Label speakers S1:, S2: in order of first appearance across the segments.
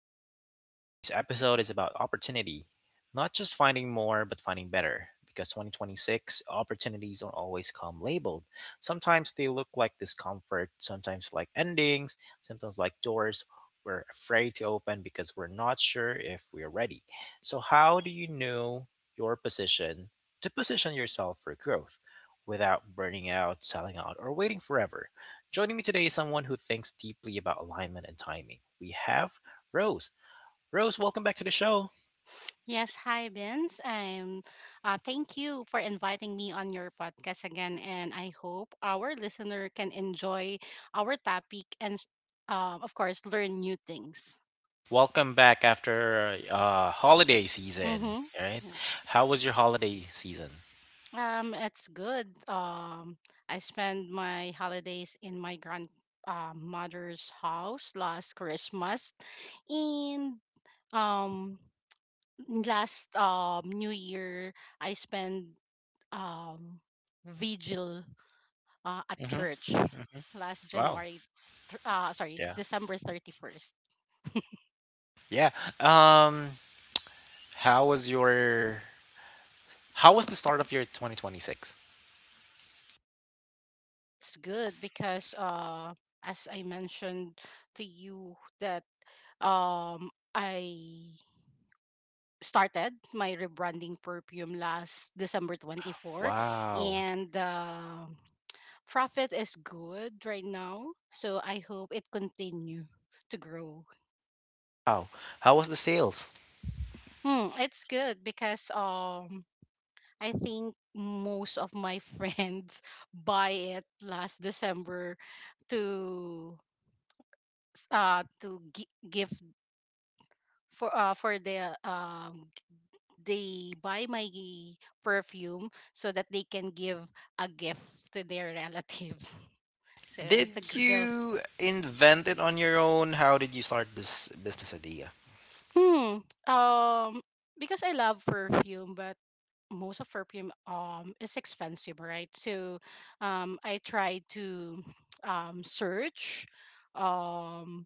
S1: Adulting with Vince. And today's episode is about opportunity. Not just finding more, but finding better. Because 2026, opportunities don't always come labeled. Sometimes they look like discomfort, sometimes like endings, sometimes like doors we're afraid to open because we're not sure if we're ready. So, how do you know your position to position yourself for growth without burning out, selling out, or waiting forever? Joining me today is someone who thinks deeply about alignment and timing. We have Rose. Rose, welcome back to the show.
S2: Yes, hi, Vince. I'm. Thank you for inviting me on your podcast again, and I hope our listener can enjoy our topic and, of course, learn new things.
S1: Welcome back after holiday season.
S2: Mm-hmm.
S1: All right, how was your holiday season?
S2: It's good. I spent my holidays in my grand mother's house last Christmas, and um, last New Year I spent um vigil at
S1: Mm-hmm.
S2: church last
S1: Wow.
S2: January, sorry,
S1: Yeah.
S2: December 31st.
S1: Yeah. Um. How was your? How was the start of your 2026?
S2: It's good because as I mentioned to you that I started my rebranding perfume last December 24th,
S1: Wow.
S2: and the profit is good right now. So I hope it continue to grow.
S1: Wow. How was the sales?
S2: It's good because I think most of my friends buy it last December to gift for the they buy my gi- perfume so that they can give a gift to their relatives. So the
S1: Did
S2: sales.
S1: you invent it on your own? How did you start this business idea?
S2: Hmm. Um because I love perfume, but most of perfume is expensive, right? So I try to search um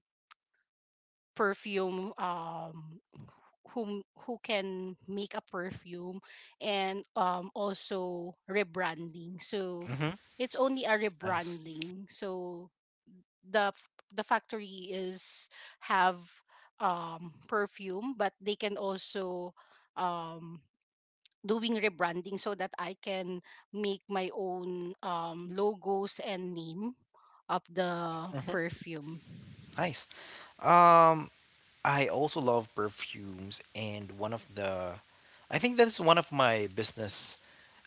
S2: perfume, who can make a perfume and also rebranding. So
S1: Mm-hmm.
S2: it's only a
S1: Nice.
S2: rebranding. So the factory is have perfume, but they can also um doing rebranding so that I can make my own logos and name of the
S1: Mm-hmm.
S2: perfume.
S1: Nice. Um, I also love perfumes, and I think that's one of my business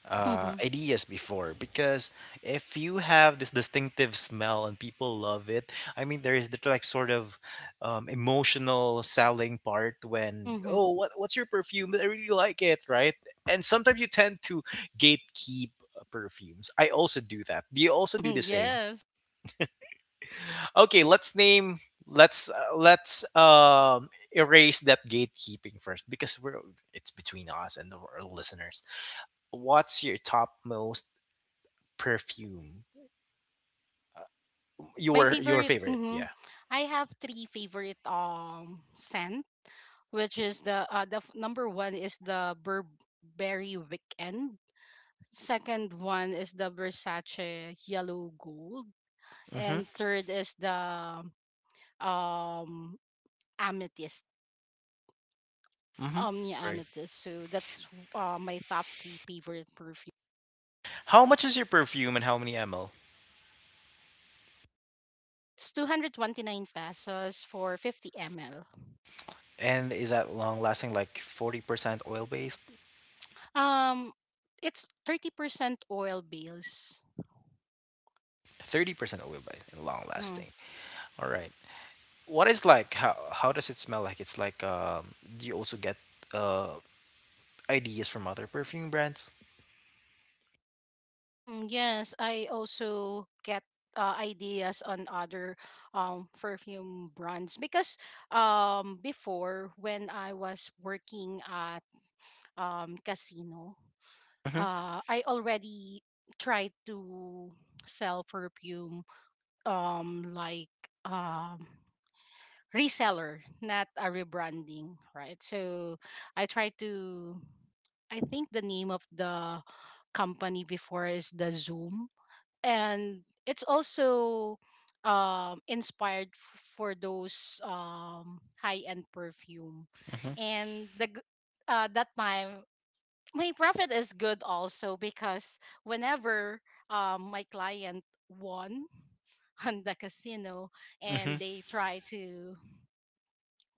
S2: Mhm,
S1: ideas before because if you have this distinctive smell and people love it, I mean, there is the like sort of emotional selling part when,
S2: mhm.
S1: oh, what's your perfume? I really like it, right? And sometimes you tend to gatekeep perfumes. I also do that. Do you also do the same?
S2: Yes.
S1: Okay, let's name let's erase that gatekeeping first because we're it's between us and our listeners. What's your top most perfume?
S2: My
S1: Your
S2: favorite.
S1: favorite,
S2: Mhm.
S1: yeah.
S2: I have three favorite scent, which is the number one is the Burberry Weekend. Second one is the Versace Yellow Gold,
S1: Mhm.
S2: and third is the um Amethyst.
S1: Mhm.
S2: Omnia
S1: Right.
S2: Amethyst. So that's my top three favorite perfume.
S1: How much is your perfume and how many ml?
S2: It's 229 pesos for 50 ml.
S1: And is that long lasting like 40% oil based,
S2: Um, it's 30% oil base.
S1: 30% oil based and long
S2: Mm-hmm.
S1: lasting? All right. What is like how does it smell like? It's like do you also get uh ideas from other perfume brands?
S2: Yes, I also get ideas on other perfume brands because before when I was working at casino,
S1: Mm-hmm.
S2: I already tried to sell perfume like um reseller, not a rebranding, right? So I try to, I think the name of the company before is the Zoom, and it's also inspired for those high end perfume
S1: Mhm.
S2: and that time my profit is good also because whenever my client won on the casino, and
S1: Mhm.
S2: they try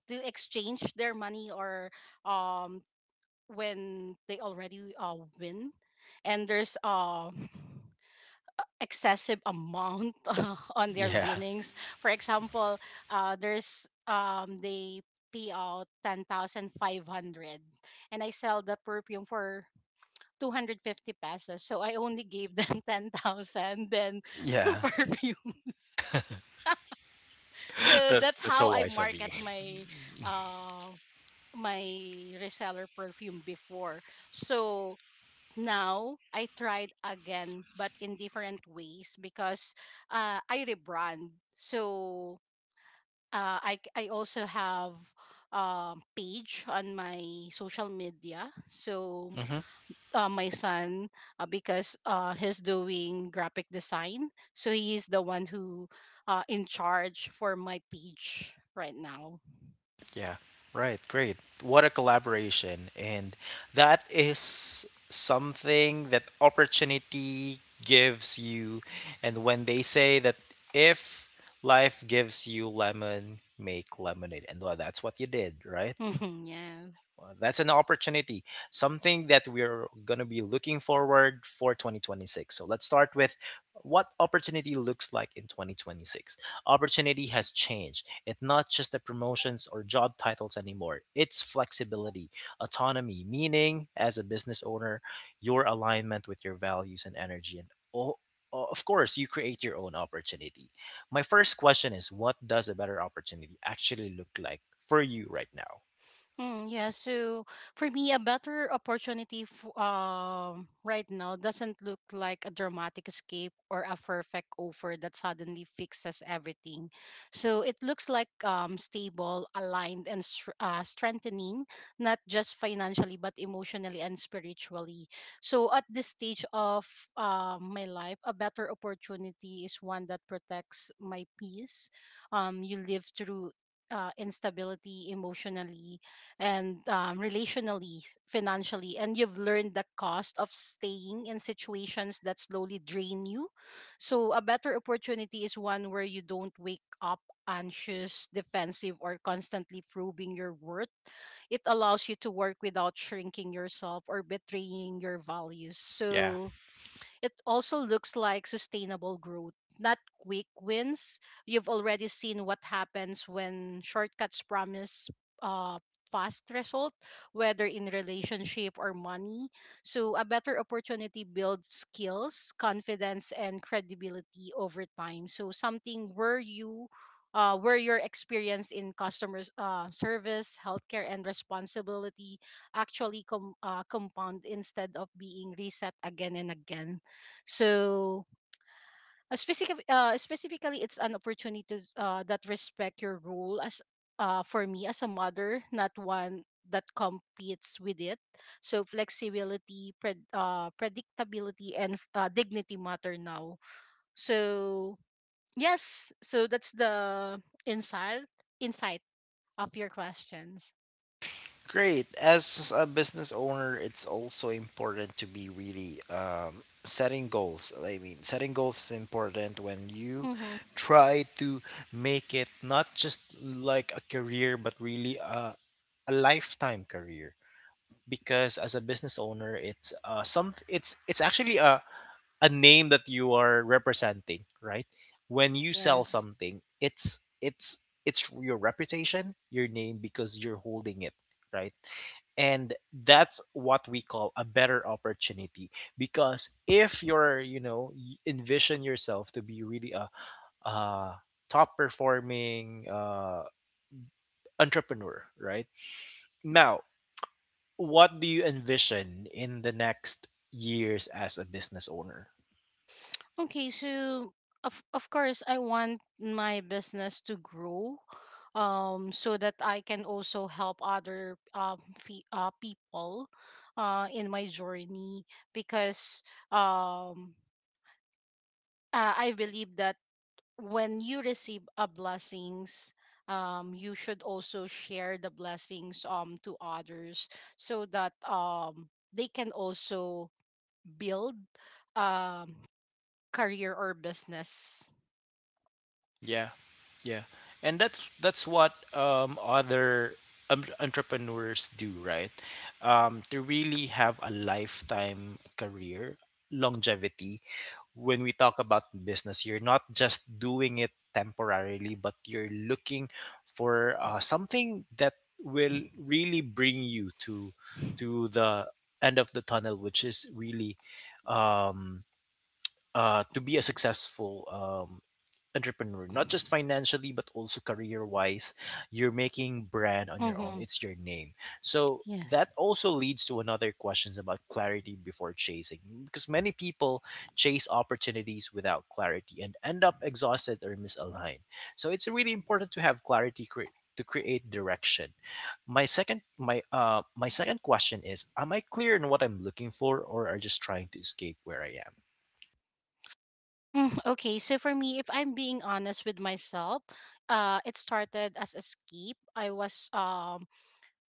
S2: to exchange their money, or um when they already win, and there's excessive amount on their
S1: Yeah.
S2: winnings, for example there's they pay out 10,500 and I sell the perfume for 250 pesos. So I only gave them 10,000 then two
S1: Yeah.
S2: perfumes. So
S1: That
S2: that's
S1: that's
S2: how
S1: so
S2: I
S1: wise of you.
S2: market my uh my reseller perfume before. So now I tried again but in different ways because I rebrand. So I also have page on my social media. So
S1: Mhm.
S2: my son, because he's doing graphic design, so he is the one who in charge for my page right now.
S1: Yeah. Right. Great. What a collaboration. And that is something that opportunity gives you. And when they say that if life gives you lemon, make lemonade. And well, that's what you did, right?
S2: Yes.
S1: Well, that's an opportunity, something that we're going to be looking forward for 2026. So let's start with what opportunity looks like in 2026. Opportunity has changed. It's not just the promotions or job titles anymore. It's flexibility, autonomy, meaning as a business owner, your alignment with your values and energy and o- of course, you create your own opportunity. My first question is what does a better opportunity actually look like for you right now?
S2: Yeah, so for me, a better opportunity right now doesn't look like a dramatic escape or a perfect offer that suddenly fixes everything. So it looks like stable, aligned, and strengthening, not just financially, but emotionally and spiritually. So at this stage of my life, a better opportunity is one that protects my peace. You live through instability emotionally and relationally, financially, and you've learned the cost of staying in situations that slowly drain you. So a better opportunity is one where you don't wake up anxious, defensive, or constantly proving your worth. It allows you to work without shrinking yourself or betraying your values.
S1: Yeah.
S2: So it also looks like sustainable growth, not quick wins. You've already seen what happens when shortcuts promise uh, fast result, whether in relationship or money. So a better opportunity builds skills, confidence, and credibility over time. So something where you where your experience in customer service, healthcare, and responsibility actually compound instead of being reset again and again. So specifically, it's an opportunity to that respect your role as, for me, as a mother, not one that competes with it. So flexibility, predictability, and dignity matter now. So yes, so that's the insight of your questions.
S1: Great. As a business owner, it's also important to be really setting goals. I mean, setting goals is important when you
S2: Mm-hmm.
S1: try to make it not just like a career, but really a lifetime career. Because as a business owner, it's some it's actually a name that you are representing, right? When you sell
S2: Yes.
S1: something, it's your reputation, your name, because you're holding it, right? And that's what we call a better opportunity because if you're, you know, envision yourself to be really a top performing entrepreneur right now, what do you envision in the next years as a business owner?
S2: Okay, so of course I want my business to grow so that I can also help other people in my journey because um I believe that when you receive a blessings you should also share the blessings to others so that they can also build um career or business.
S1: Yeah, yeah, and that's what other entrepreneurs do, right? To really have a lifetime career longevity when we talk about business, you're not just doing it temporarily, but you're looking for something that will really bring you to the end of the tunnel, which is really um, to be a successful entrepreneur, not just financially but also career wise. You're making brand on your own.
S2: Mhm.
S1: It's your name. So
S2: Yes.
S1: that also leads to another questions about clarity before chasing because many people chase opportunities without clarity and end up exhausted or misaligned. So it's really important to have clarity to create direction. My second question is am I clear in what I'm looking for or are just trying to escape where I am?
S2: Okay, so for me, if I'm being honest with myself, it started as escape. I was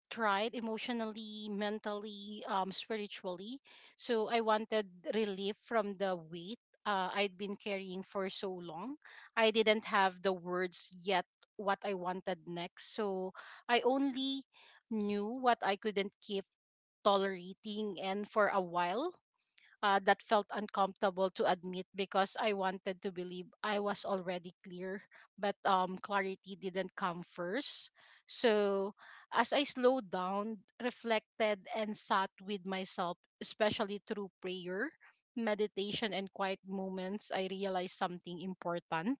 S2: tried emotionally, mentally, spiritually. So I wanted relief from the weight I'd been carrying for so long. I didn't have the words yet what I wanted next. So I only knew what I couldn't keep tolerating, and for a while that felt uncomfortable to admit because I wanted to believe I was already clear, but clarity didn't come first. So as I slowed down, reflected, and sat with myself, especially through prayer, meditation, and quiet moments, I realized something important.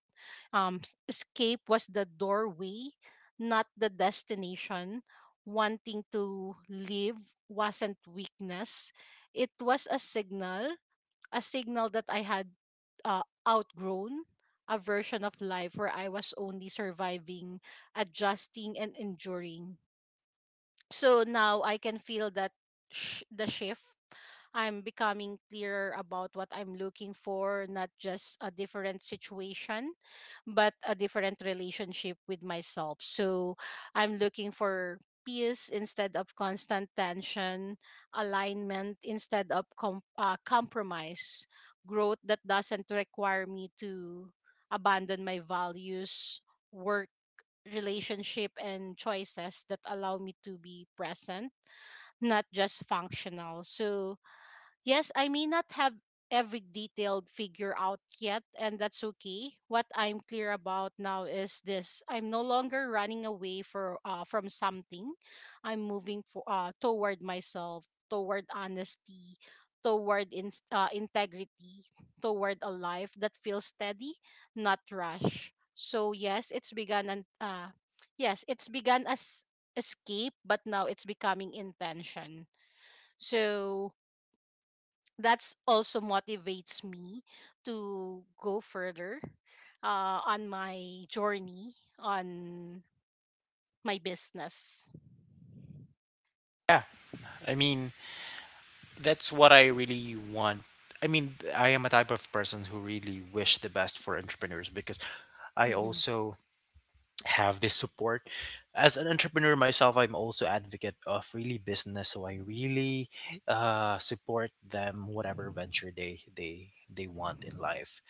S2: Escape was the doorway, not the destination. Wanting to live wasn't weakness, it was a signal, a signal that I had outgrown a version of life where I was only surviving, adjusting, and enduring. So now I can feel that the shift. I'm becoming clearer about what I'm looking for, not just a different situation, but a different relationship with myself. So I'm looking for peace instead of constant tension, alignment instead of compromise, growth that doesn't require me to abandon my values, work, relationship, and choices that allow me to be present, not just functional. So yes, I may not have every detailed figure out yet, and that's okay. What I'm clear about now is this: I'm no longer running away for from something. I'm moving toward myself, toward honesty, toward integrity, toward a life that feels steady, not rush. So yes, it's begun and yes, it's begun as escape, but now it's becoming intention. So that's also motivates me to go further on my journey on my business.
S1: Yeah, I mean that's what I really want. I mean, I am a type of person who really wish the best for entrepreneurs because I
S2: Mm-hmm.
S1: also have this support. As an entrepreneur myself, I'm also advocate of really business, so I really support them whatever venture they want in life.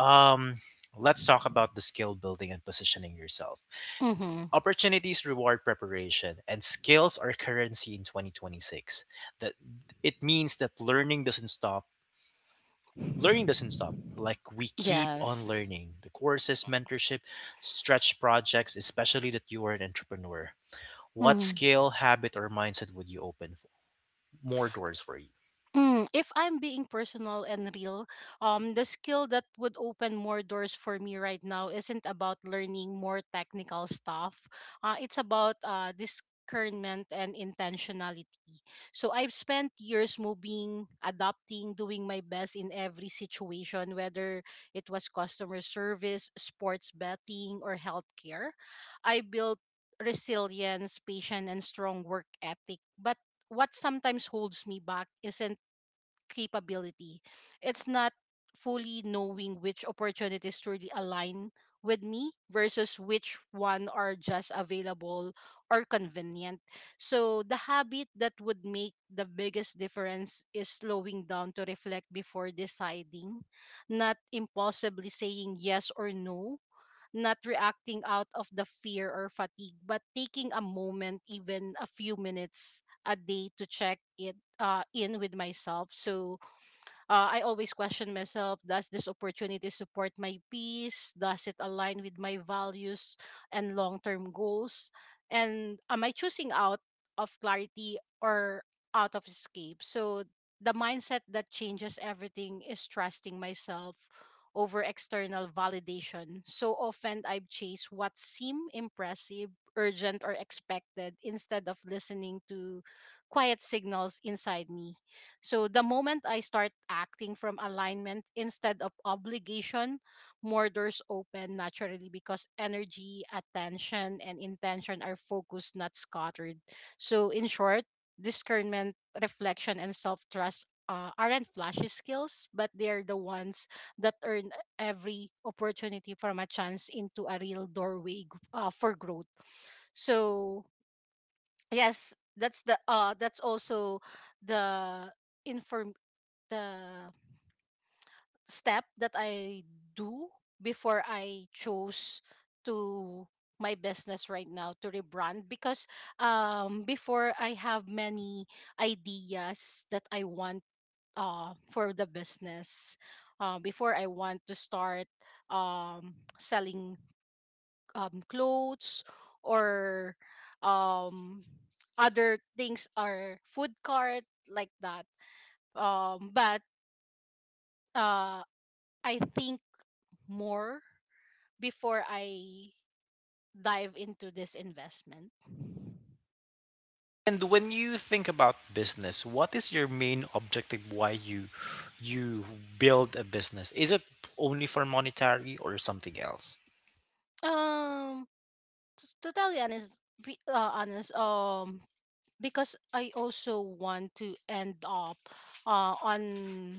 S1: Um, let's talk about the skill building and positioning yourself.
S2: Mm-hmm.
S1: Opportunities reward preparation, and skills are currency in 2026. That it means that learning doesn't stop. Learning doesn't stop. Like we keep on
S2: Yes.
S1: learning. The courses, mentorship, stretch projects, especially that you are an entrepreneur. What
S2: Mm-hmm.
S1: skill, habit, or mindset would you open for more doors for you?
S2: If I'm being personal and real, the skill that would open more doors for me right now isn't about learning more technical stuff. It's about discernment and intentionality. So I've spent years moving, adapting, doing my best in every situation, whether it was customer service, sports betting, or healthcare. I built resilience, patience, and strong work ethic. But what sometimes holds me back isn't capability. It's not fully knowing which opportunities truly align with me versus which one are just available or convenient. So the habit that would make the biggest difference is slowing down to reflect before deciding, not impossibly saying yes or no, not reacting out of the fear or fatigue, but taking a moment, even a few minutes a day, to check it in with myself. So I always question myself: does this opportunity support my peace? Does it align with my values and long term goals? And am I choosing out of clarity or out of escape? So the mindset that changes everything is trusting myself over external validation. So often I've chased what seemed impressive, urgent, or expected instead of listening to quiet signals inside me. So the moment I start acting from alignment instead of obligation, more doors open naturally because energy, attention, and intention are focused, not scattered. So in short, discernment, reflection, and self trust aren't flashy skills, but they are the ones that earn every opportunity from a chance into a real doorway for growth. So yes, that's the that's also the inform the step that I do before I chose to my business right now to rebrand because before I have many ideas that I want for the business, before I want to start selling clothes or um other things or food cart like that, but uh I think more before I dive into this investment?
S1: And when you think about business, what is your main objective? Why you build a business? Is it only for monetary or something else?
S2: Um, to tell you honest, honest, because I also want to end up on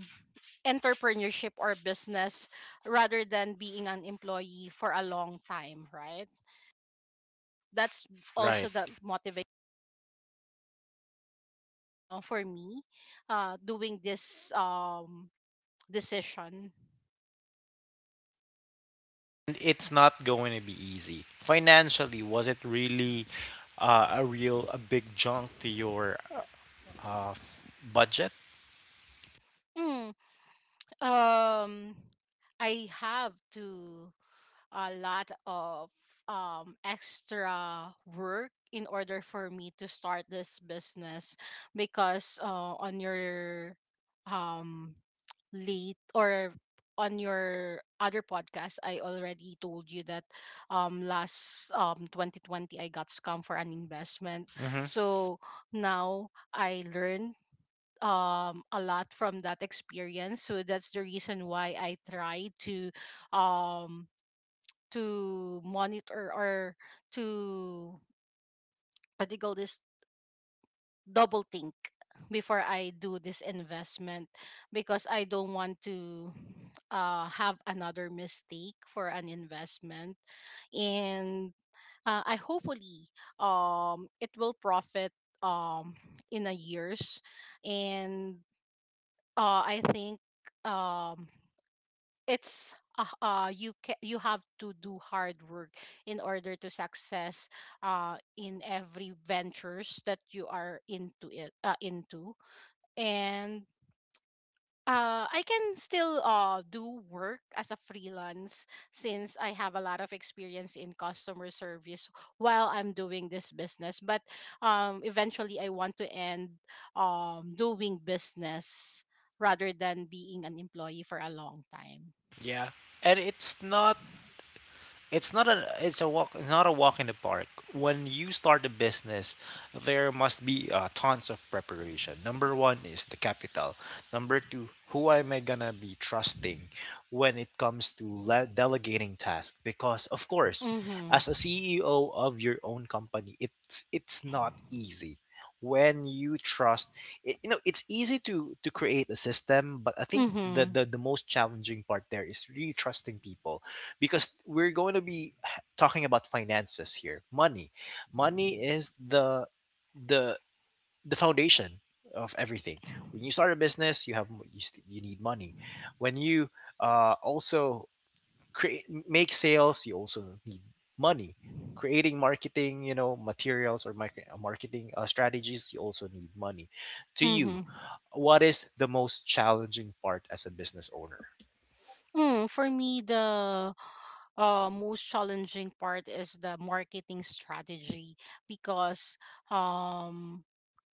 S2: entrepreneurship or business rather than being an employee for a long time, right? That's
S1: Right.
S2: also the motivation for me doing this decision.
S1: It's not going to be easy. Financially, was it really a big junk to your budget?
S2: Hmm. Um, I have to a lot of extra work in order for me to start this business because on your um late or on your other podcast I already told you that last 2020 I got scammed for an investment.
S1: Hmm.
S2: So now I learned a lot from that experience, so that's the reason why I try um to monitor or to, what do you call this, double think before I do this investment because I don't want to have another mistake for an investment. And I hopefully it will profit um in a years. And I think um it's you have to do hard work in order to success in every ventures that you are into it, into. And I can still do work as a freelance since I have a lot of experience in customer service while I'm doing this business. But eventually, I want to end doing business rather than being an employee for a long time.
S1: Yeah, and it's not a it's a walk, it's not a walk in the park. When you start a business, there must be tons of preparation. Number one is the capital. Number two, who am I gonna be trusting when it comes to delegating tasks? Because of course,
S2: Mm-hmm.
S1: as a CEO of your own company, it's not easy. When you trust it, you know, it's easy to create a system, but I think
S2: Mm-hmm.
S1: the most challenging part there is really trusting people because we're going to be talking about finances here. Money, money is the the foundation of everything. When you start a business, you need money. When you also create make sales, you also need money. Creating marketing, you know, materials or marketing strategies, you also need money to you.
S2: Mm-hmm.
S1: What is the most challenging part as a business owner?
S2: Mm, for me, the most challenging part is the marketing strategy because um,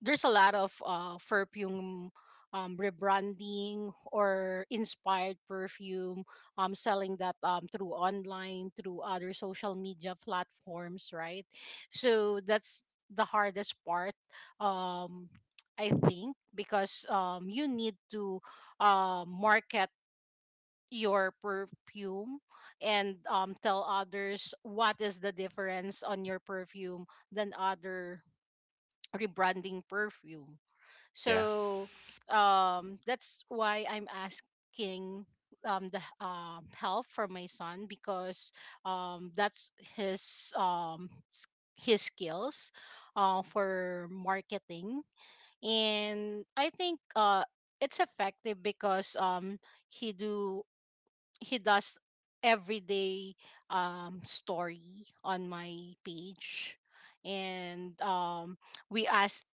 S2: there's a lot of perfume rebranding or inspired perfume selling that through online, through other social media platforms, right? So that's the hardest part, um, I think, because you need to market your perfume and tell others what is the difference on your perfume than other rebranding perfume.
S1: Yeah.
S2: So that's why I'm asking the help for my son because that's his his skills for marketing. And I think it's effective because he do he does everyday story on my page. And we asked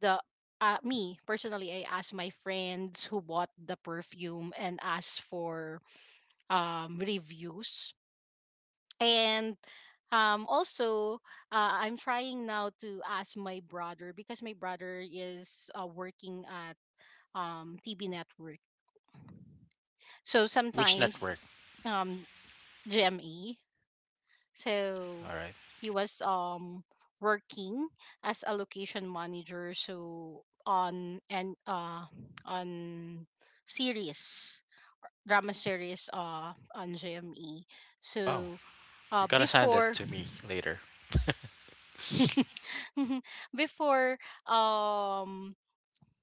S2: the, me personally, I asked my friends who bought the perfume and asked for reviews. And also I'm trying now to ask my brother because my brother is working at TV network. So
S1: Which
S2: sometimes
S1: network?
S2: um GME. So
S1: All right.
S2: he was working as a location manager, so on and on series, drama series on JME.
S1: Wow.
S2: So
S1: You gotta send that
S2: before
S1: to me later.
S2: before um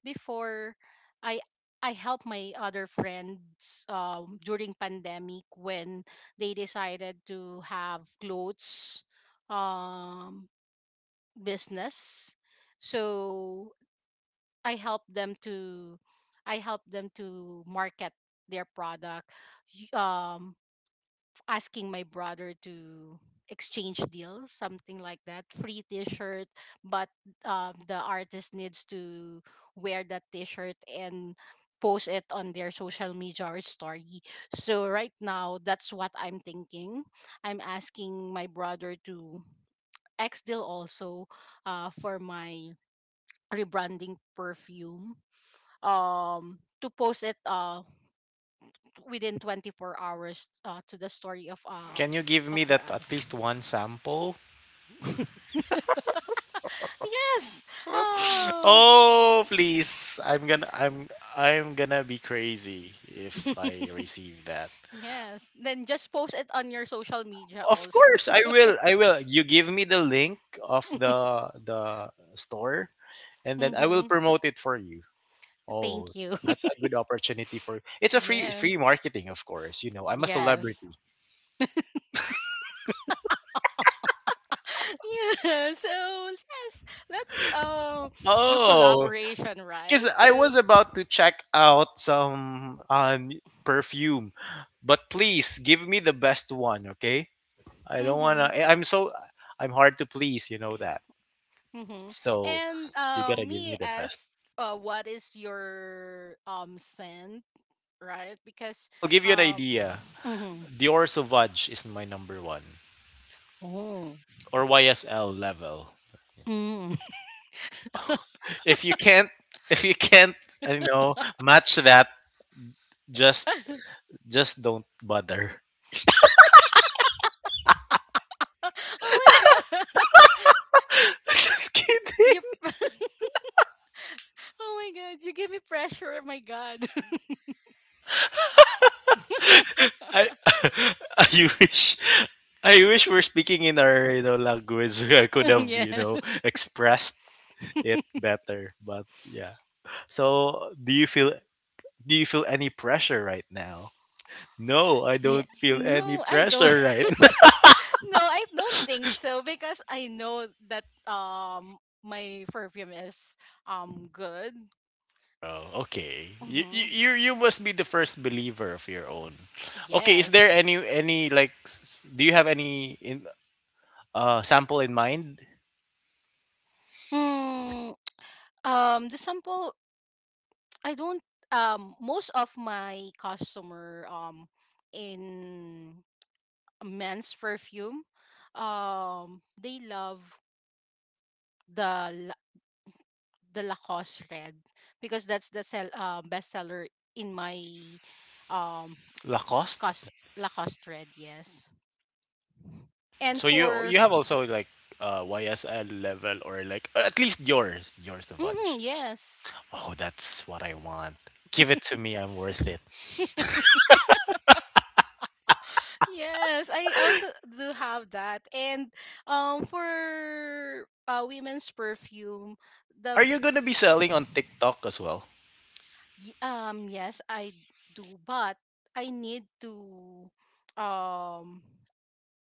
S2: before I I help my other friends during pandemic when they decided to have clothes um, business. So I help them to, I help them to market their product. Y- Um, asking my brother to exchange deals, something like that. Free T-shirt, but the artist needs to wear that T-shirt and post it on their social media or story. So right now, that's what I'm thinking. I'm asking my brother to X deal also for my rebranding perfume to post it within 24 hours to the story
S1: Can you give me
S2: of their
S1: that
S2: other.
S1: at least one sample?
S2: Yes. Oh.
S1: Oh, please. I'm gonna be crazy if I receive that.
S2: Yes. Then just post it on your social media
S1: Of
S2: also.
S1: course, I will. I will. You give me the link of the store and then I will
S2: Mm-hmm.
S1: promote it for you. Oh,
S2: Thank you.
S1: that's a good opportunity for, it's a
S2: Yeah.
S1: free marketing, of course. You know, I'm a
S2: Yes.
S1: celebrity.
S2: Yeah. So yes, let's do
S1: Oh,
S2: collaboration,
S1: because
S2: right?
S1: I
S2: So
S1: was about to check out some perfume, but please give me the best one, okay? I don't
S2: mm-hmm,
S1: wanna. I'm so I'm hard to please, you know that.
S2: mm-hmm.
S1: So
S2: And
S1: you gotta give me
S2: me
S1: the best.
S2: asked, what is your scent, right? Because
S1: I'll give you an
S2: um,
S1: idea.
S2: mm-hmm.
S1: Dior Sauvage is my number one,
S2: Oh.
S1: or YSL level.
S2: Mm.
S1: If you can't, if you can't, you know, match that, just just don't bother.
S2: Oh my god.
S1: Just
S2: You
S1: kidding.
S2: Oh my god, you give me pressure. Oh my god.
S1: I I wish, I wish we're speaking in our, you know, language. I could have, you
S2: Yeah.
S1: know, expressed it better, but yeah. So do you feel any pressure right now? No, I
S2: Hey,
S1: don't feel any
S2: no, I don't.
S1: pressure right now.
S2: No, I don't think so because I know that my perfume is good.
S1: Oh, okay. You, you
S2: Mm-hmm.
S1: you you must be the first believer of your own. Okay, is there
S2: Yes.
S1: any like do you have any in sample in mind?
S2: Mm, the sample, I don't, most of my customer in men's perfume. They love the the Lacoste red because that's the sell, bestseller in my um
S1: Lacoste?
S2: cos- Lacoste red. Yes, and
S1: So you
S2: for
S1: you have also like YSL level or like at least yours the bunch.
S2: mhm, yes.
S1: Oh, that's what I want. Give it to me. I'm worth it.
S2: Yes, I also do have that. And for women's perfume, the
S1: Are you gonna be selling on TikTok as well?
S2: Yes I do, but I need um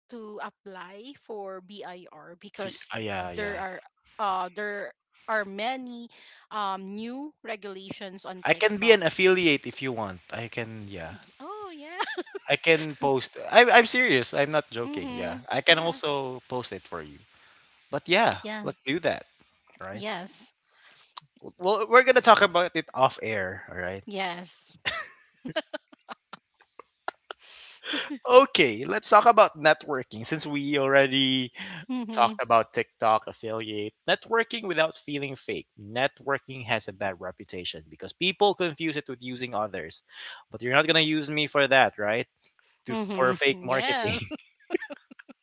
S2: to apply for BIR because
S1: Yeah,
S2: there
S1: yeah.
S2: are, there are many new regulations on
S1: I can be
S2: TikTok.
S1: an affiliate if you want. I can, yeah.
S2: Oh yeah.
S1: I can post. I'm serious. I'm not joking. Yeah,
S2: Mm-hmm.
S1: I can
S2: Yes.
S1: also post it for you. But yeah,
S2: Yes.
S1: let's do that, right?
S2: Yes.
S1: Well, we're gonna talk about it off air, all right?
S2: Yes.
S1: Okay, let's talk about networking since we already
S2: Mm-hmm.
S1: talked about TikTok affiliate networking without feeling fake. Networking has a bad reputation because people confuse it with using others. But you're not going to use me for that, right? To, for fake
S2: Mm-hmm.
S1: marketing.
S2: Yes.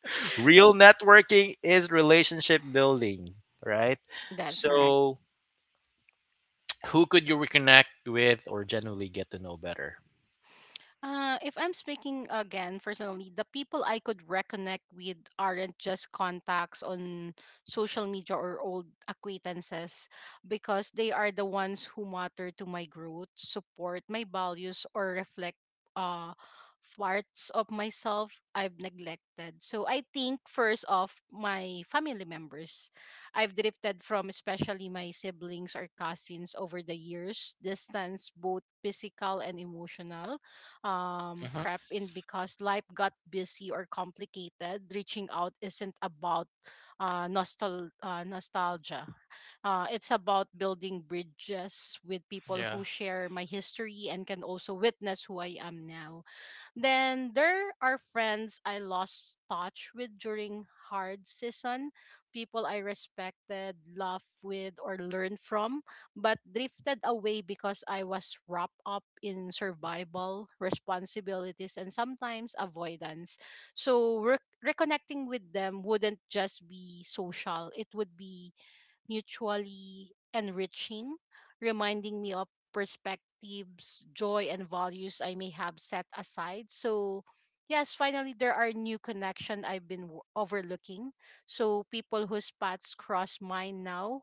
S1: Real networking is relationship building, right?
S2: That's correct.
S1: So, who could you reconnect with or generally get to know better?
S2: If I'm speaking again personally, the people I could reconnect with aren't just contacts on social media or old acquaintances because they are the ones who matter to my growth, support my values, or reflect uh, parts of myself I've neglected. So I think first off, my family members. I've drifted from, especially my siblings or cousins over the years, distance both physical and emotional
S1: Mhm.
S2: crept in because life got busy or complicated. Reaching out isn't about nostalgia. It's about building bridges with people
S1: Yeah,
S2: who share my history and can also witness who I am now. Then there are friends I lost touch with during hard season, people I respected, laughed with, or learned from, but drifted away because I was wrapped up in survival, responsibilities, and sometimes avoidance. So reconnecting with them wouldn't just be social, it would be mutually enriching, reminding me of perspectives, joy, and values I may have set aside. So, yes, finally, there are new connection overlooking. So, people whose paths cross mine now,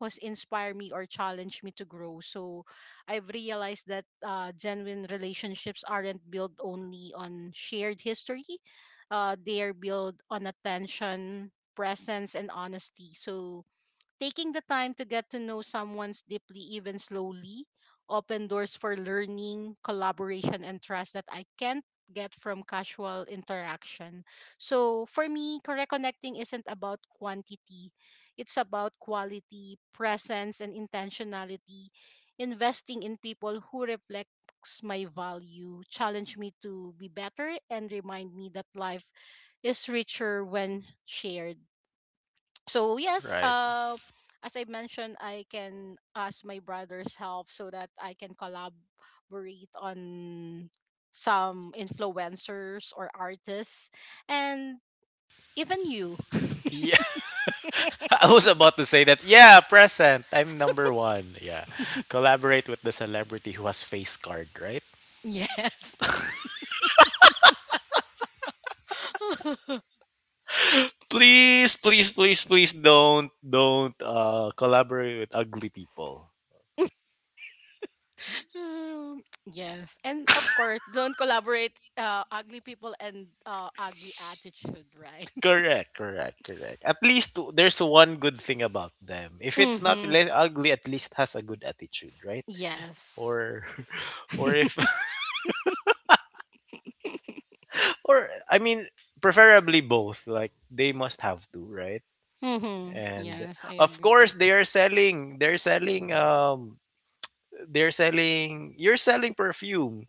S2: who's inspire me or challenge me to grow. So, I've realized that genuine relationships aren't built only on shared history. They are built on attention, presence, and honesty. So, taking the time to get to know someone's deeply, even slowly, open doors for learning, collaboration, and trust that I can't get from casual interaction. So for me, correct connecting isn't about quantity. It's about quality, presence, and intentionality. Investing in people who reflects my value, challenge me to be better, and remind me that life is richer when shared. So yes,
S1: right.
S2: as I mentioned, I can ask my brother's help so that I can collaborate on some influencers or artists, and even you.
S1: Yeah, I was about to say that. Yeah, present. I'm number one. Yeah, collaborate with the celebrity who has face card, right?
S2: Yes.
S1: Please, please, please, please don't collaborate with ugly people.
S2: Yes. And of course, don't collaborate ugly people and ugly attitude, right?
S1: Correct, correct, correct. At least there's one good thing about them. If it's not
S2: Mhm.
S1: really ugly, at least has a good attitude, right?
S2: Yes.
S1: Or or if or I mean preferably both. Like they must have to, right?
S2: Mhm.
S1: And
S2: Yes, I
S1: of course
S2: agree.
S1: they are selling they're selling they're selling you're selling perfume.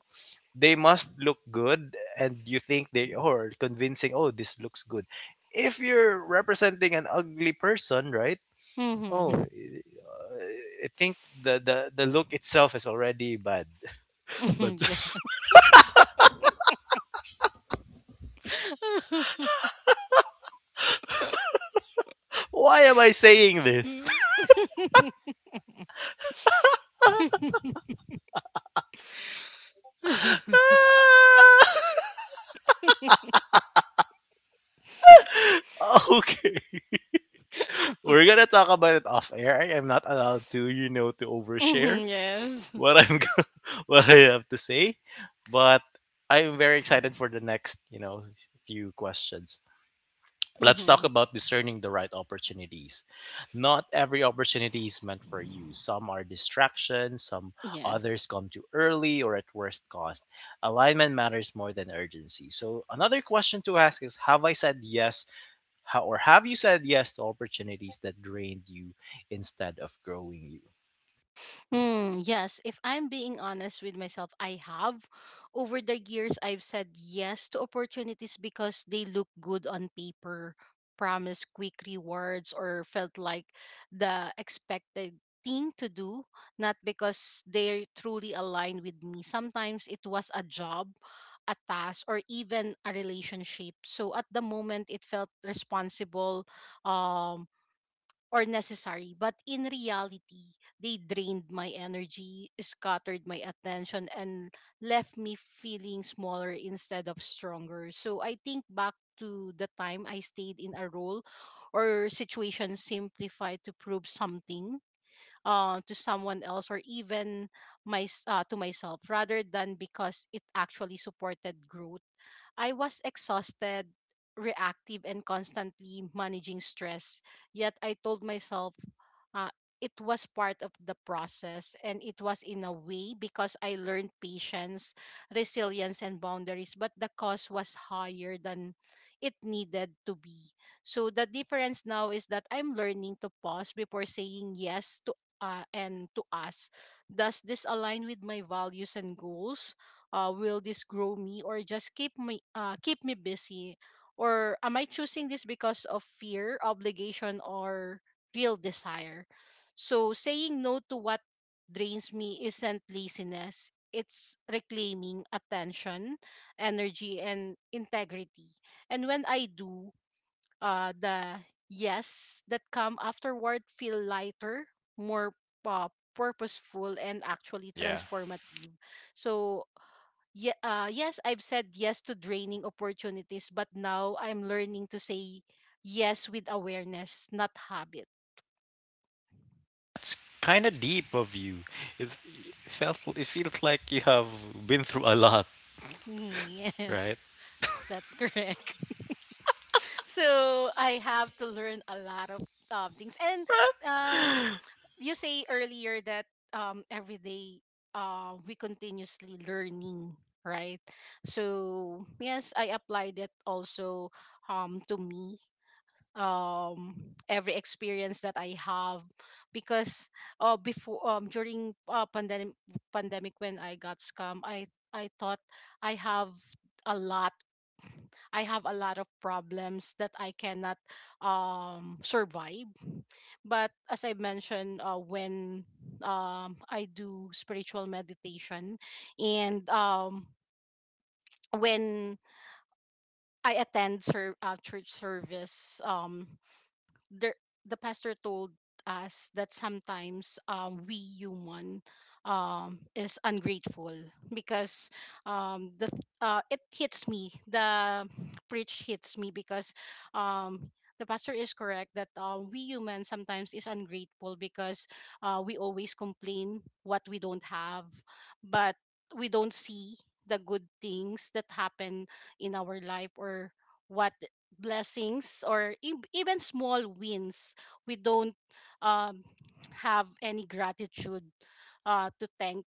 S1: They must look good and you think they are convincing, oh this looks good. If you're representing an ugly person, right? oh
S2: Mhm.
S1: eh, I think the look itself is already bad but
S2: Yes.
S1: why am I saying this? Okay, we're gonna talk about it off air. I am not allowed to to overshare
S2: Mhm. Yes.
S1: what I'm what I have to say. But I'm very excited for the next few questions. Let's talk
S2: Mhm.
S1: about discerning the right opportunities. Not every opportunity is meant for you. Some are distractions, some others come too early or at worst cost. Alignment matters more than urgency. So, another question to ask is, have I said yes, or have you said yes to opportunities that drained you instead of growing you?
S2: Hmm, yes, if I'm being honest with myself, I have. Over the years, I've said yes to opportunities because they look good on paper, promise quick rewards, or felt like the expected thing to do, not because they're truly aligned with me. Sometimes it was a job, a task, or even a relationship. So at the moment, it felt responsible, um, or necessary, but in reality, they drained my energy, scattered my attention, and left me feeling smaller instead of stronger. So I think back to the time I stayed in a role or situation simplified to prove something to someone else, or even to myself, rather than because it actually supported growth. I was exhausted, reactive, and constantly managing stress. Yet I told myself uh, it was part of the process, and it was in a way because I learned patience, resilience, and boundaries. But the cost was higher than it needed to be. So the difference now is that I'm learning to pause before saying yes to. And to ask, does this align with my values and goals? Will this grow me or just keep me busy, or am I choosing this because of fear, obligation, or real desire? So saying no to what drains me isn't laziness, it's reclaiming attention, energy, and integrity. And when I do, the yes that come afterward feel lighter, more uh, purposeful, and actually
S1: Yeah,
S2: transformative. So yeah, yes, I've said yes to draining opportunities, but now I'm learning to say yes with awareness, not habit.
S1: that's kind of deep of you. It felt it feels like you have been through a lot,
S2: Mhm, yes.
S1: right?
S2: That's correct. So I have to learn a lot of things. And um, you say earlier that every day we continuously learning, right? So yes, I applied that also to me. Um, every experience that I have because before during pandemic, pandemic, when I got scammed, I thought I have a lot, I have a lot of problems that I cannot survive. But as I mentioned, when I do spiritual meditation. And when I attend church service, the the pastor told us that sometimes, we human is ungrateful because it hits me, the preach hits me because um, the pastor is correct that we humans sometimes is ungrateful because we always complain what we don't have, but we don't see the good things that happen in our life, or what blessings, or even small wins, we don't um, have any gratitude to thank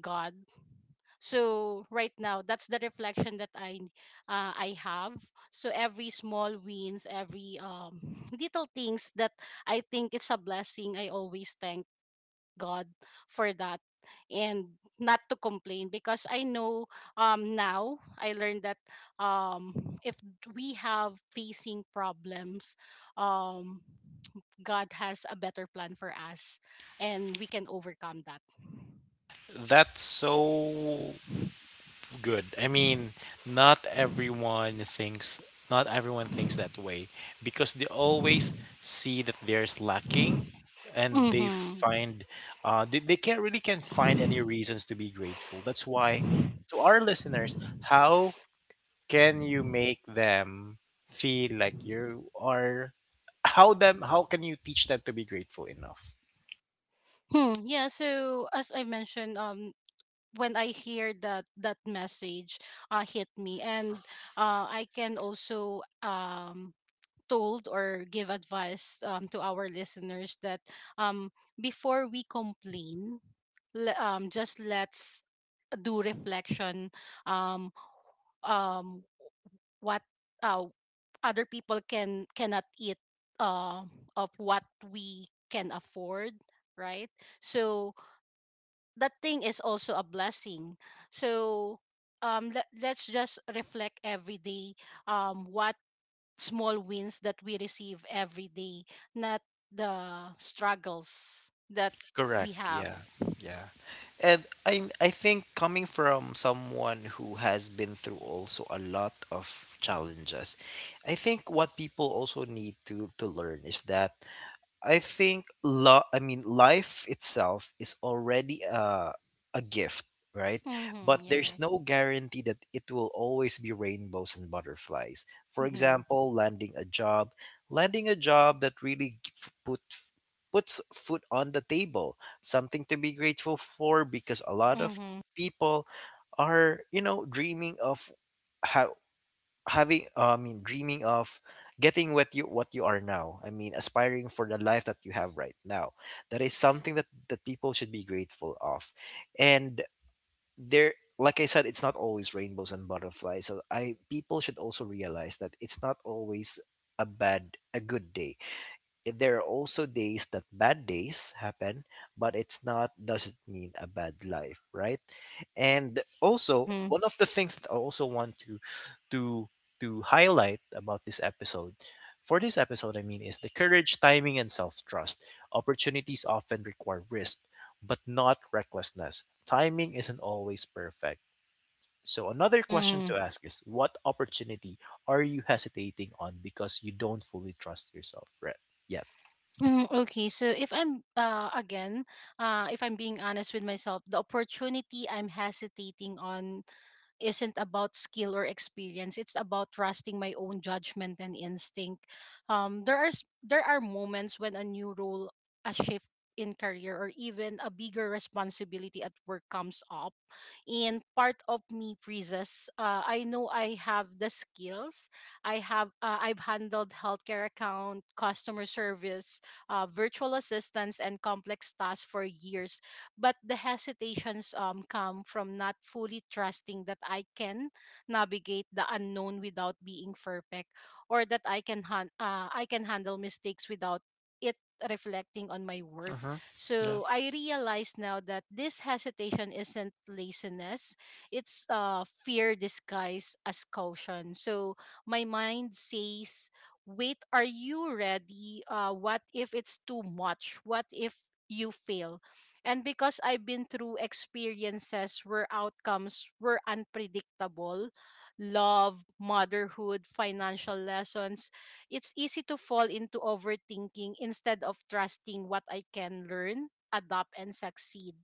S2: God. So right now, that's the reflection that I have. So every small wins, every little things that I think it's a blessing, I always thank God for that, and not to complain because I know now I learned that um if we have facing problems, um God has a better plan for us, and we can overcome that.
S1: That's so good. I mean, not everyone thinks not everyone thinks that way because they always see that there's lacking and they
S2: Mhm.
S1: find uh, they can't really can not find any reasons to be grateful. That's why, to our listeners, how can you make them feel like you are how can you teach them to be grateful enough?
S2: Hmm. Yeah, so as I mentioned, when I hear that, that message hit me. And I can also told or give advice to our listeners that um, before we complain, just let's do reflection, um, um, what uh, other people can cannot eat uh, of what we can afford, right? So that thing is also a blessing. So let, let's just reflect every day what small wins that we receive every day, not the struggles that
S1: Correct.
S2: we have.
S1: Yeah. Yeah. And I think coming from someone who has been through also a lot of challenges, I think what people also need to learn is that I think I mean life itself is already a gift, right?
S2: Mm-hmm,
S1: But there's
S2: yes.
S1: no guarantee that it will always be rainbows and butterflies. For
S2: Mm-hmm.
S1: example, landing a job, that really puts food on the table, something to be grateful for because a lot of
S2: Mm-hmm.
S1: people are, you know, dreaming of how having I mean dreaming of getting what you are now. I mean aspiring for the life that you have right now. That is something that people should be grateful of. And there, like I said, it's not always rainbows and butterflies. So I, people should also realize that it's not always a good day. There are also days that bad days happen, but it's not doesn't mean a bad life, right? And also,
S2: Mm-hmm.
S1: one of the things that I also want to to highlight about this episode, for this episode I mean, is the courage, timing, and self-trust. Opportunities often require risk, but not recklessness. Timing isn't always perfect. So another question
S2: Mm.
S1: to ask is, what opportunity are you hesitating on because you don't fully trust yourself yet?
S2: Mm, okay, so if I'm being honest with myself, the opportunity I'm hesitating on isn't about skill or experience. It's about trusting my own judgment and instinct. There are moments when a new role, a shift in career, or even a bigger responsibility at work comes up, and part of me freezes. I know I have the skills. I have I've handled healthcare account, customer service, virtual assistants, and complex tasks for years, but the hesitations come from not fully trusting that I can navigate the unknown without being perfect, or that I can handle mistakes without it reflecting on my worth.
S1: Mm-hmm. Yeah.
S2: So I realize now that this hesitation isn't laziness, it's fear disguised as caution. So my mind says, "Wait, are you ready? What if it's too much? What if you fail?" And because I've been through experiences where outcomes were unpredictable, love, motherhood, financial lessons, it's easy to fall into overthinking instead of trusting what I can learn, adapt, and succeed.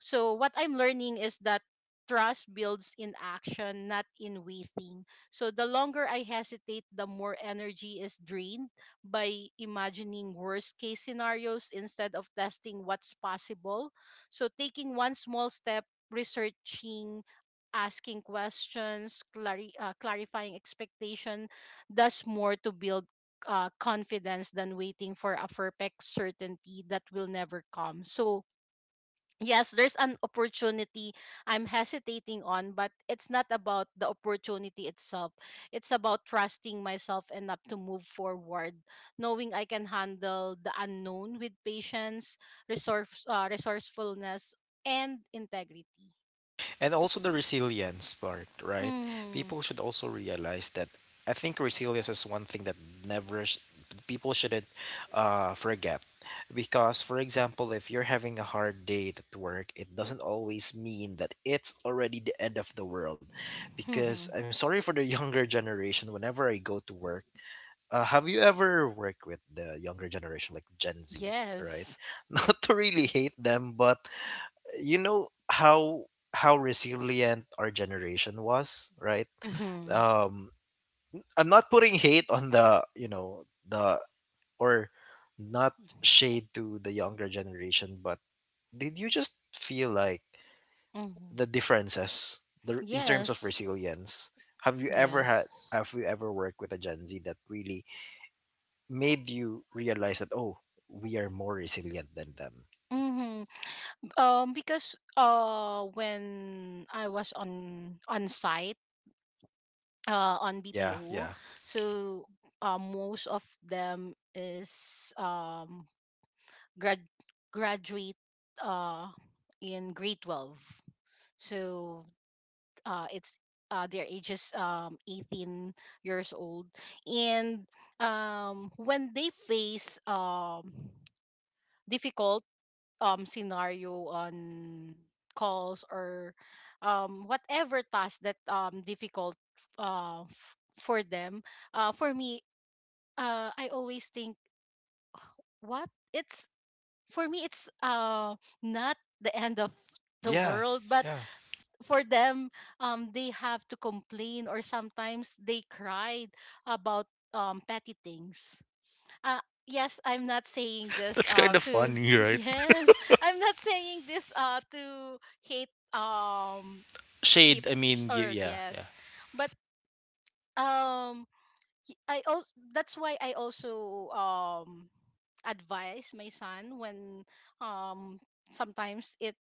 S2: So what I'm learning is that trust builds in action, not in waiting. So the longer I hesitate, the more energy is drained by imagining worst case scenarios instead of testing what's possible. So, taking one small step, researching, asking questions, clarifying expectation, does more to build confidence than waiting for a perfect certainty that will never come. So yes, there's an opportunity I'm hesitating on, but it's not about the opportunity itself. It's about trusting myself enough to move forward, knowing I can handle the unknown with patience, resourcefulness, and integrity.
S1: And also the resilience part, right?
S2: Mm.
S1: People should also realize that I think resilience is one thing that never sh- people shouldn't forget. Because, for example, if you're having a hard day at work, it doesn't always mean that it's already the end of the world. Because I'm sorry for the younger generation, whenever I go to work, have you ever worked with the younger generation, like Gen Z, right?
S2: Yes.
S1: Not to really hate them, but you know how resilient our generation was, right?
S2: Mm-hmm.
S1: um I'm not putting hate on the, you know, the or not shade to the younger generation, but did you just feel like
S2: Mm-hmm.
S1: the differences the in terms of
S2: Yes.
S1: resilience, have you ever
S2: Yes.
S1: had, have you ever worked with a Gen Z that really made you realize that, oh, we are more resilient than them?
S2: Mm-hmm. Because when I was on site on
S1: Yeah,
S2: BPO,
S1: yeah.
S2: so most of them is grad graduate uh in grade 12. So it's their ages 18 years old, and when they face difficult scenario on calls, or whatever task that difficult for them. For me, I always think what it's for me it's not the end of the
S1: Yeah,
S2: world, but
S1: yeah.
S2: for them, they have to complain or sometimes they cried about petty things. uh yes, I'm not saying this
S1: That's kind of
S2: to
S1: funny, right?
S2: yes, I'm not saying this to hate
S1: Shade, I
S2: people,
S1: mean, you,
S2: or
S1: yeah, yeah.
S2: yes, but um I also, that's why I also advise my son when um sometimes it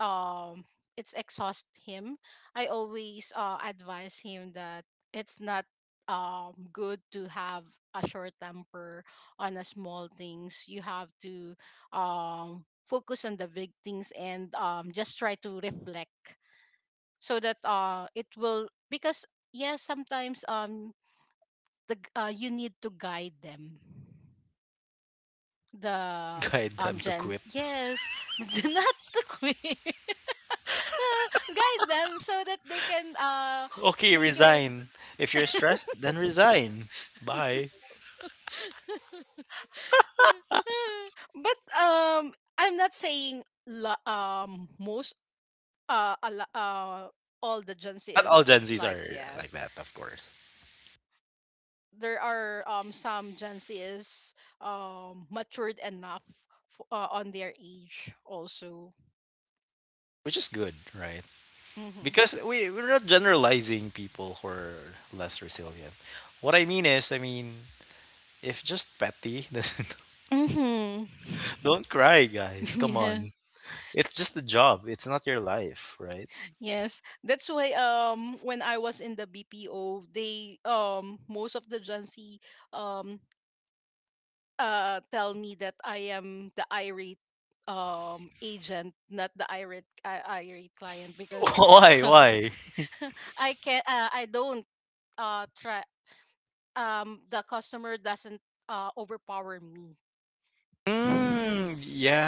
S2: um it's exhaust him. I always advise him that it's not good to have a short temper on a small things. You have to focus on the big things and just try to reflect, so that it will, because yes sometimes you need to guide them, the
S1: Guide them to
S2: gents,
S1: quit.
S2: yes. Not the queen. Guide them so that they can
S1: Okay,
S2: they can.
S1: resign. If you're stressed, then resign. Bye.
S2: But I'm not saying most uh, a lo- uh all the Gen Z
S1: Not
S2: is,
S1: all Gen Zs
S2: like,
S1: are like
S2: yes,
S1: that, of course,
S2: there are some Gen Z is matured enough on their age also.
S1: which is good, right?
S2: Mm-hmm.
S1: Because we, we're not generalizing people who are less resilient. What I mean is, I mean, if just petty, then
S2: Mm.
S1: don't cry, guys. Come on. It's just a job. It's not your life, right?
S2: Yes, that's why when I was in the BPO, they most of the Gen Z um tell me that I am the irate agent, not the irate client. Because
S1: Why? Why?
S2: I can I don't try, the customer doesn't overpower me.
S1: Mm,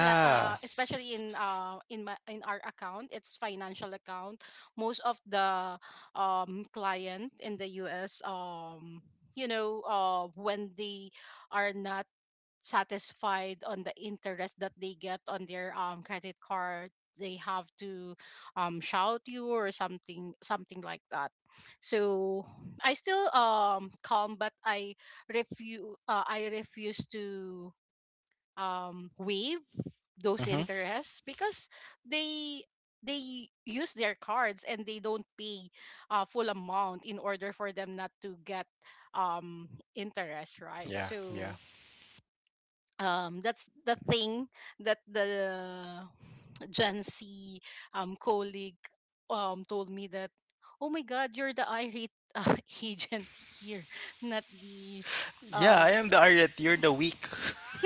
S2: Especially in my, in our account, it's financial account. Most of the client in the US, you know when they are not satisfied on the interest that they get on their credit card, they have to shout you or something, something like that. So I still calm, but I refuse I refuse to waive those
S1: Mm-hmm.
S2: interests, because they they use their cards and they don't pay full amount in order for them not to get um, interest, right?
S1: Yeah, yeah.
S2: So that's the thing that the Gen Z colleague told me that, "Oh my God, you're the irate agent here, not the."
S1: Yeah, I
S2: Uh...
S1: am the Ariat. You're the weak.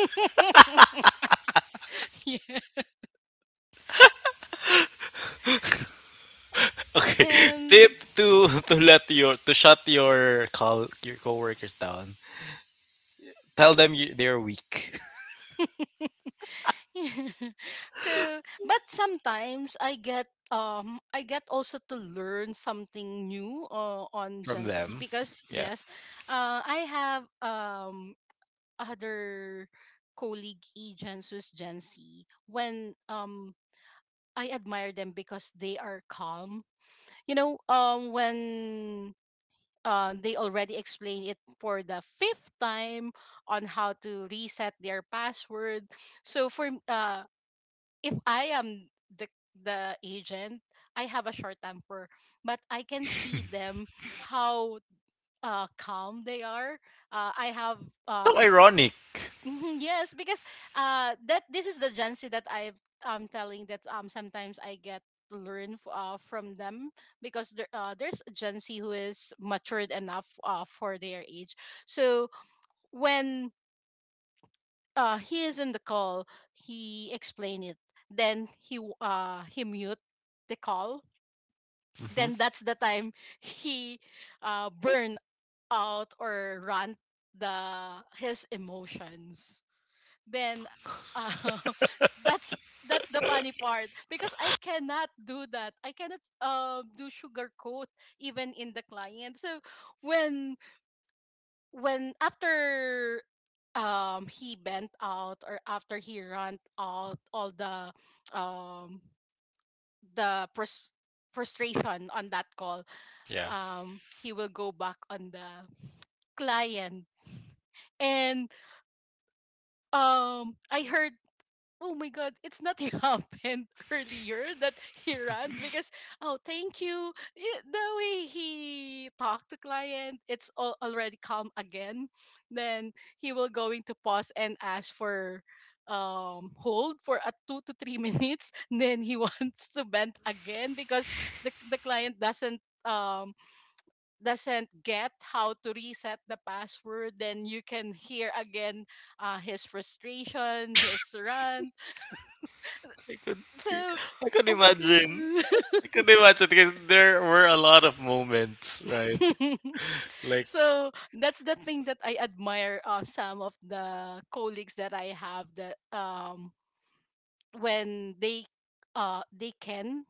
S2: yes.
S1: Okay.
S2: Um,
S1: Tip to let your to shut your call your coworkers down. Tell them they're weak
S2: so, but sometimes I get also to learn something new on
S1: from
S2: Gen Z,
S1: them.
S2: because
S1: Yeah.
S2: yes, I have other colleague agents with Gen Z. When I admire them because they are calm. You know, when they already explained it for the fifth time on how to reset their password. So if I am the the agent, I have a short temper, but I can see them how calm they are. I have uh,
S1: So ironic.
S2: Mhm, yes. Because that this is the Gen Z that I am telling that sometimes I get to learn from them, because there there's a Gen Z who is matured enough for their age. So when he is in the call, he explain it. Then he mute the call.
S1: Hmm.
S2: Then that's the time, he burn out or rant the his emotions. Then uh, that's that's the funny part, because I cannot do that. I cannot do sugarcoat, even in the client. So when when after he bent out, or after he ran out all um the frustration on that call,
S1: Yeah.
S2: he will go back on the client. And I heard, "Oh my God," it's not happened earlier that he ran. Because, oh, thank you. Yeah, the way he talked to client, it's all already calm again. Then he will going to pause and ask for hold for a 2 to 3 minutes. Then he wants to bend again, because the client doesn't get how to reset the password. Then you can hear again his frustration, his rant.
S1: I could be,
S2: So,
S1: I could
S2: oh my
S1: imagine.
S2: God.
S1: I could imagine because there were a lot of moments, right? Like
S2: So that's the thing that I admire, some of the colleagues that I have, that when they can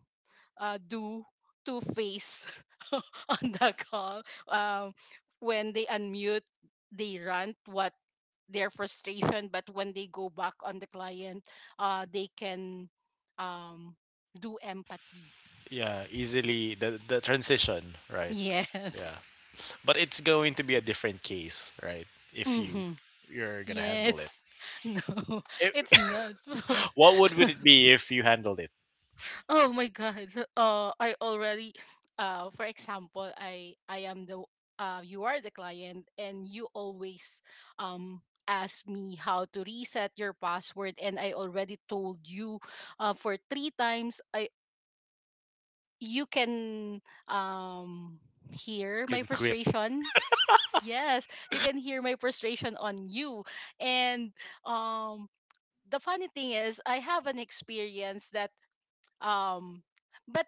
S2: do two face, on the call. um when they unmute, they rant what their frustration, but when they go back on the client, they can um do empathy.
S1: yeah, easily the transition, right?
S2: Yes.
S1: Yeah. But it's going to be a different case, right? If
S2: Mhm.
S1: you're gonna handle it.
S2: Yes. No,
S1: If
S2: it's not.
S1: What would it be if you handled it
S2: Oh my God. So, I already for example, I am the, you are the client, and you always ask me how to reset your password, and I already told you for three times. I, you can um hear my
S1: in quit?
S2: frustration. Yes, you can hear my frustration on you. And um the funny thing is, I have an experience that um but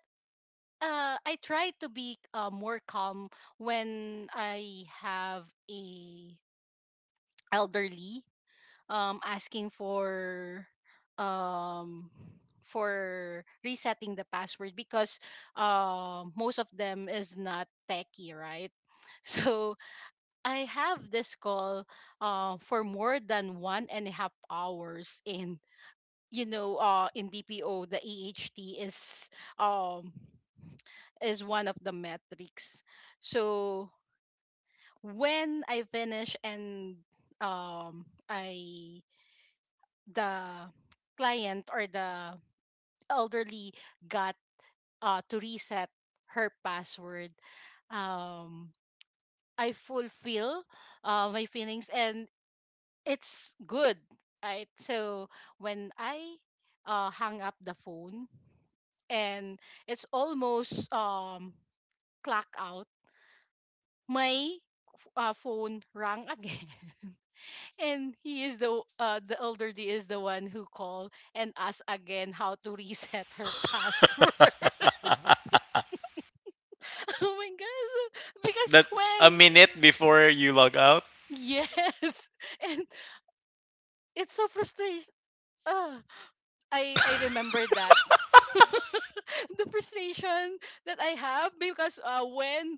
S2: I try to be more calm when I have a elderly asking um for resetting the password, because most of them is not techie, right? So I have this call, for more than 1.5 hours. In you know, in BPO, the AHT is um is one of the metrics. So when I finish, and I, the client or the elderly, got to reset her password, um I fulfill my feelings, and it's good, right? So when I hung up the phone, and it's almost clock out, my phone rang again. And he is the, the elderly is the one who called and asked again how to reset her password. Oh my gosh. Because
S1: That a
S2: when
S1: minute
S2: uh,
S1: before you log out.
S2: yes. And it's so frustrating. uh, I remember that. The frustration that I have, because when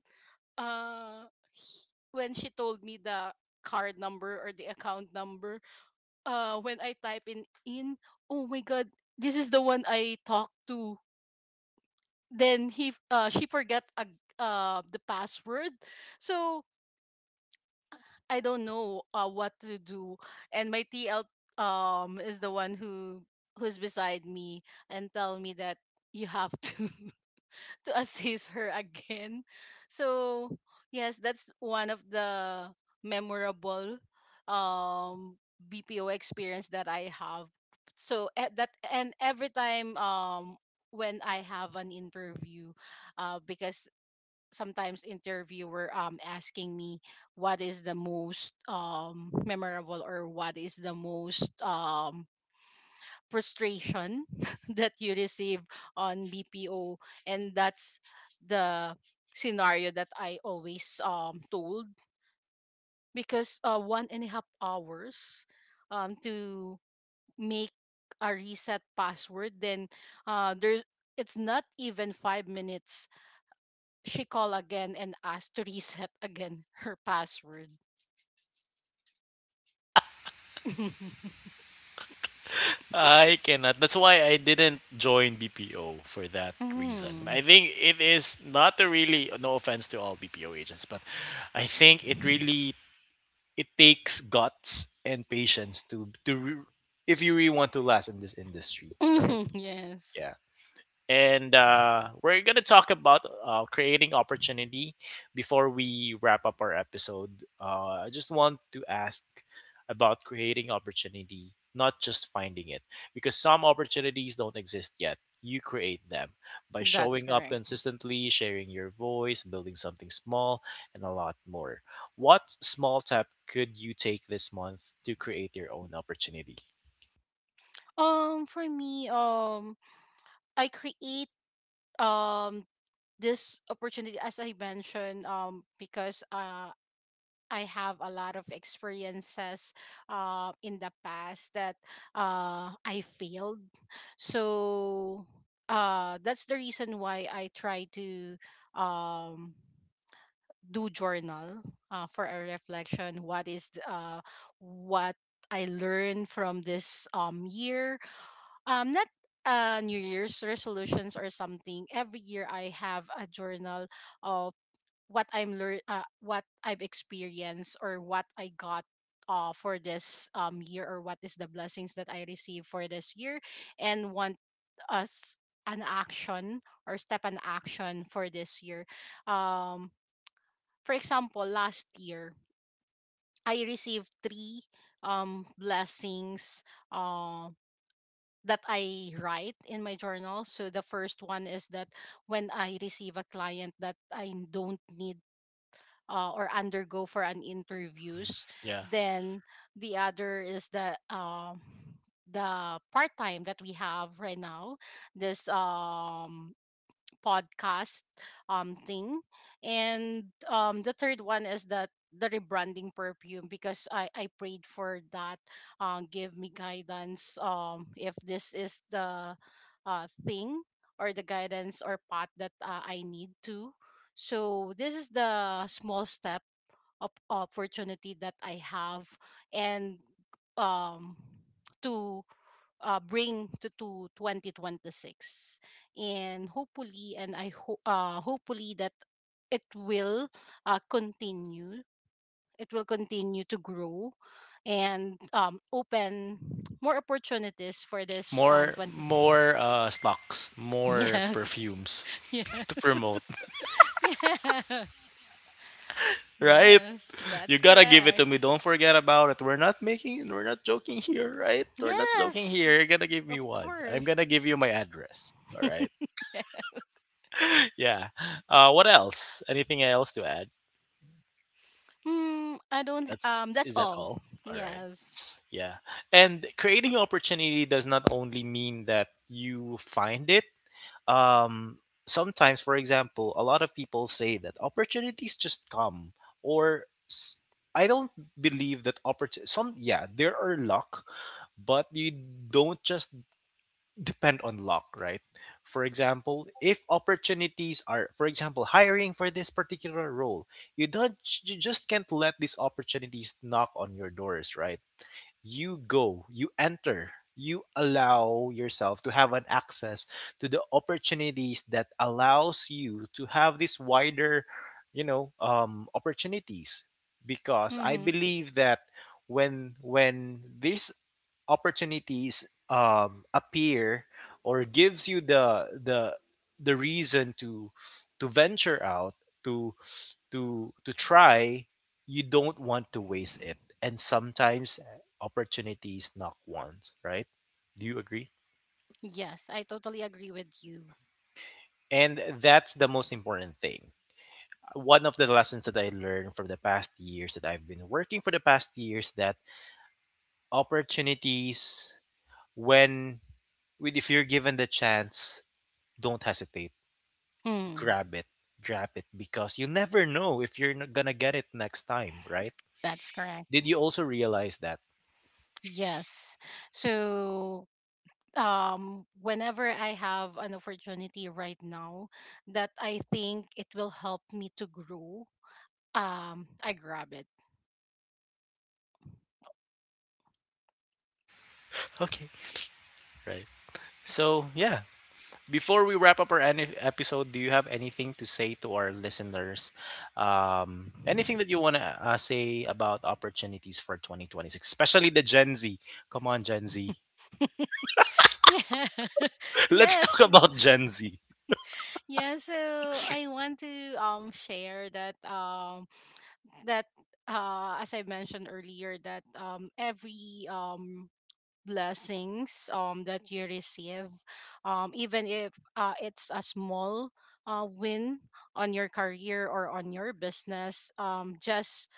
S2: uh he- when she told me the card number or the account number, when I type in, "Oh my God, this is the one I talked to." Then she forgot a, the password. So I don't know what to do. And my TL is the one who, who's beside me, and tell me that you have to to assist her again. So yes, that's one of the memorable um BPO experience that I have. So at that, and every time when I have an interview, because sometimes interviewer asking me, what is the most memorable, or what is the most frustration that you receive on BPO. And that's the scenario that I always told, because 1.5 hours to make a reset password, then there's, it's not even 5 minutes, she called again and asked to reset again her password.
S1: I cannot. That's why I didn't join BPO for that reason.
S2: Mm.
S1: I think it is not a really, no offense to all BPO agents, but I think it really, it takes guts and patience to re- if you really want to last in this industry, right?
S2: Yes,
S1: Yeah. And we're gonna talk about creating opportunity. Before we wrap up our episode, I just want to ask about creating opportunity, not just finding it, because some opportunities don't exist yet, you create them by
S2: that's
S1: showing up
S2: correct.
S1: consistently, sharing your voice, building something small, and a lot more. What small step could you take this month to create your own opportunity?
S2: For me, I create um this opportunity as I mentioned, because I have a lot of experiences in the past that I failed. So that's the reason why I try to um, do journal for a reflection, what is what I learned from this year, not new year's resolutions or something. Every year I have a journal of what I've experienced or what I got for this year, or what is the blessings that I received for this year, and want us an action or step an action for this year. um for example, last year, I received three blessings uh, that I write in my journal. So the first one is that when I receive a client that I don't need or undergo for an interviews.
S1: Yeah,
S2: Then the other is the, the part time that we have right now. This podcast thing. And the third one is that the rebranding perfume. Because I prayed for that, give me guidance, if this is the thing or the guidance or path that I need to. So this is the small step opportunity that I have, and um, to bring to 2026. And hopefully, and I hopefully that it will continue, it will continue to grow and open more opportunities for this 20.
S1: more stocks, more
S2: Yes.
S1: perfumes
S2: Yes.
S1: to promote,
S2: Yes.
S1: right?
S2: Yes,
S1: You
S2: that's
S1: gotta give it
S2: correct.
S1: to me. Don't forget about it. We're not joking here, right? We're not joking
S2: Yes.
S1: here. You're gonna give me
S2: Of
S1: one. I'm
S2: course.
S1: gonna give you my address. All right.
S2: Yeah.
S1: Yeah. Uh, what else? Anything else to add?
S2: Mm, I don't.
S1: That's
S2: That's
S1: Is that
S2: all.
S1: all? All right.
S2: Yes.
S1: Yeah. And creating opportunity does not only mean that you find it. Um, sometimes, for example, a lot of people say that opportunities just come or s- I don't believe that opportunity, some, yeah, there are luck, but you don't just depend on luck, right? For example, if opportunities are, for example, hiring for this particular role, you don't, you just can't let these opportunities knock on your doors, right? You go, you enter, you allow yourself to have an access to the opportunities that allows you to have this wider, you know, opportunities. Because I
S2: Mm-hmm.
S1: believe that when these opportunities appear or gives you the reason to venture out to to try, you don't want to waste it. And sometimes opportunities knock once, right? Do you agree?
S2: Yes, I totally agree with you.
S1: And that's the most important thing. One of the lessons that I learned from the past years that I've been working for the past years, that opportunities when, with, if you're given the chance, don't hesitate.
S2: Mm,
S1: Grab it. Grab it, because you never know if you're not gonna get it next time, right?
S2: that's correct.
S1: Did you also realize that?
S2: Yes. So, whenever I have an opportunity right now that I think it will help me to grow, I grab it.
S1: Okay. Right. So yeah, before we wrap up our any episode, do you have anything to say to our listeners? Anything that you want to say about opportunities for 2026, especially the Gen Z? Come on, Gen Z.
S2: Yeah.
S1: Let's talk
S2: Yes.
S1: about Gen Z.
S2: Yeah, so I want to share that that as I mentioned earlier, that every blessings that you receive, even if it's a small win on your career or on your business, just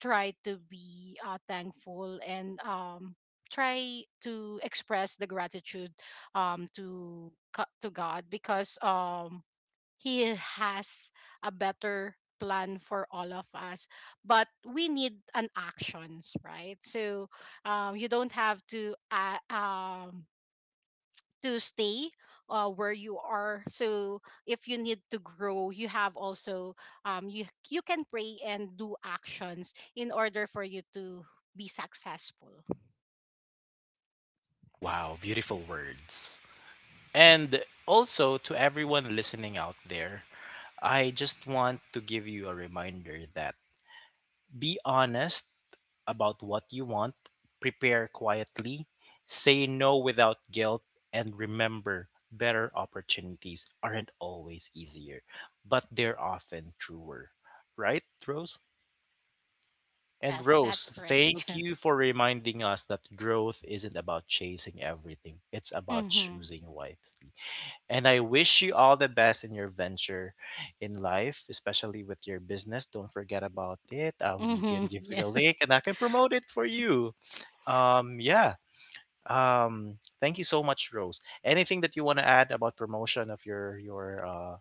S2: try to be thankful, and try to express the gratitude to God, because he has a better plan for all of us, but we need an actions, right? So you don't have to stay where you are. So if you need to grow, you have also you, you can pray and do actions in order for you to be successful.
S1: Wow, beautiful words. And also to everyone listening out there, I just want to give you a reminder that be honest about what you want, prepare quietly, say no without guilt, and remember, better opportunities aren't always easier, but they're often truer. Right, Rose? And
S2: Yes,
S1: Rose,
S2: that's correct.
S1: thank
S2: Yes.
S1: you for reminding us that growth isn't about chasing everything. It's about
S2: Mm-hmm.
S1: choosing wisely. And I wish you all the best in your venture in life, especially with your business. Don't forget about it. You
S2: Mm-hmm.
S1: can give me the
S2: Yes.
S1: link and I can promote it for you. Yeah. Thank you so much, Rose. Anything that you want to add about promotion of your uh,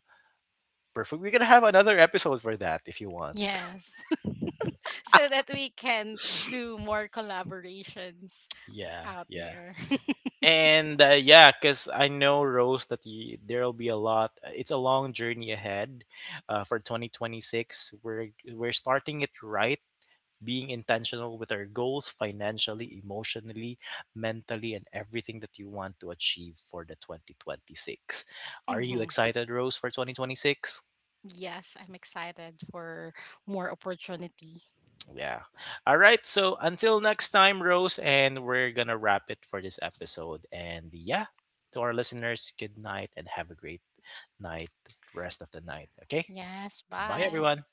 S1: perfume? We're gonna have another episode for that if you want.
S2: Yes. So that we can do more collaborations
S1: Yeah,
S2: out
S1: yeah.
S2: there.
S1: And yeah, because I know, Rose, that you, there'll be a lot. Uh, it's a long journey ahead for 2026. We're starting it right, being intentional with our goals financially, emotionally, mentally, and everything that you want to achieve for the 2026. Are you
S2: Hmm.
S1: excited, Rose, for 2026?
S2: Yes, I'm excited for more opportunity.
S1: Yeah. All right. So until next time, Rose, and we're going to wrap it for this episode. And yeah, to our listeners, good night and have a great night, rest of the night. Okay.
S2: Yes,
S1: Bye,
S2: bye.
S1: everyone.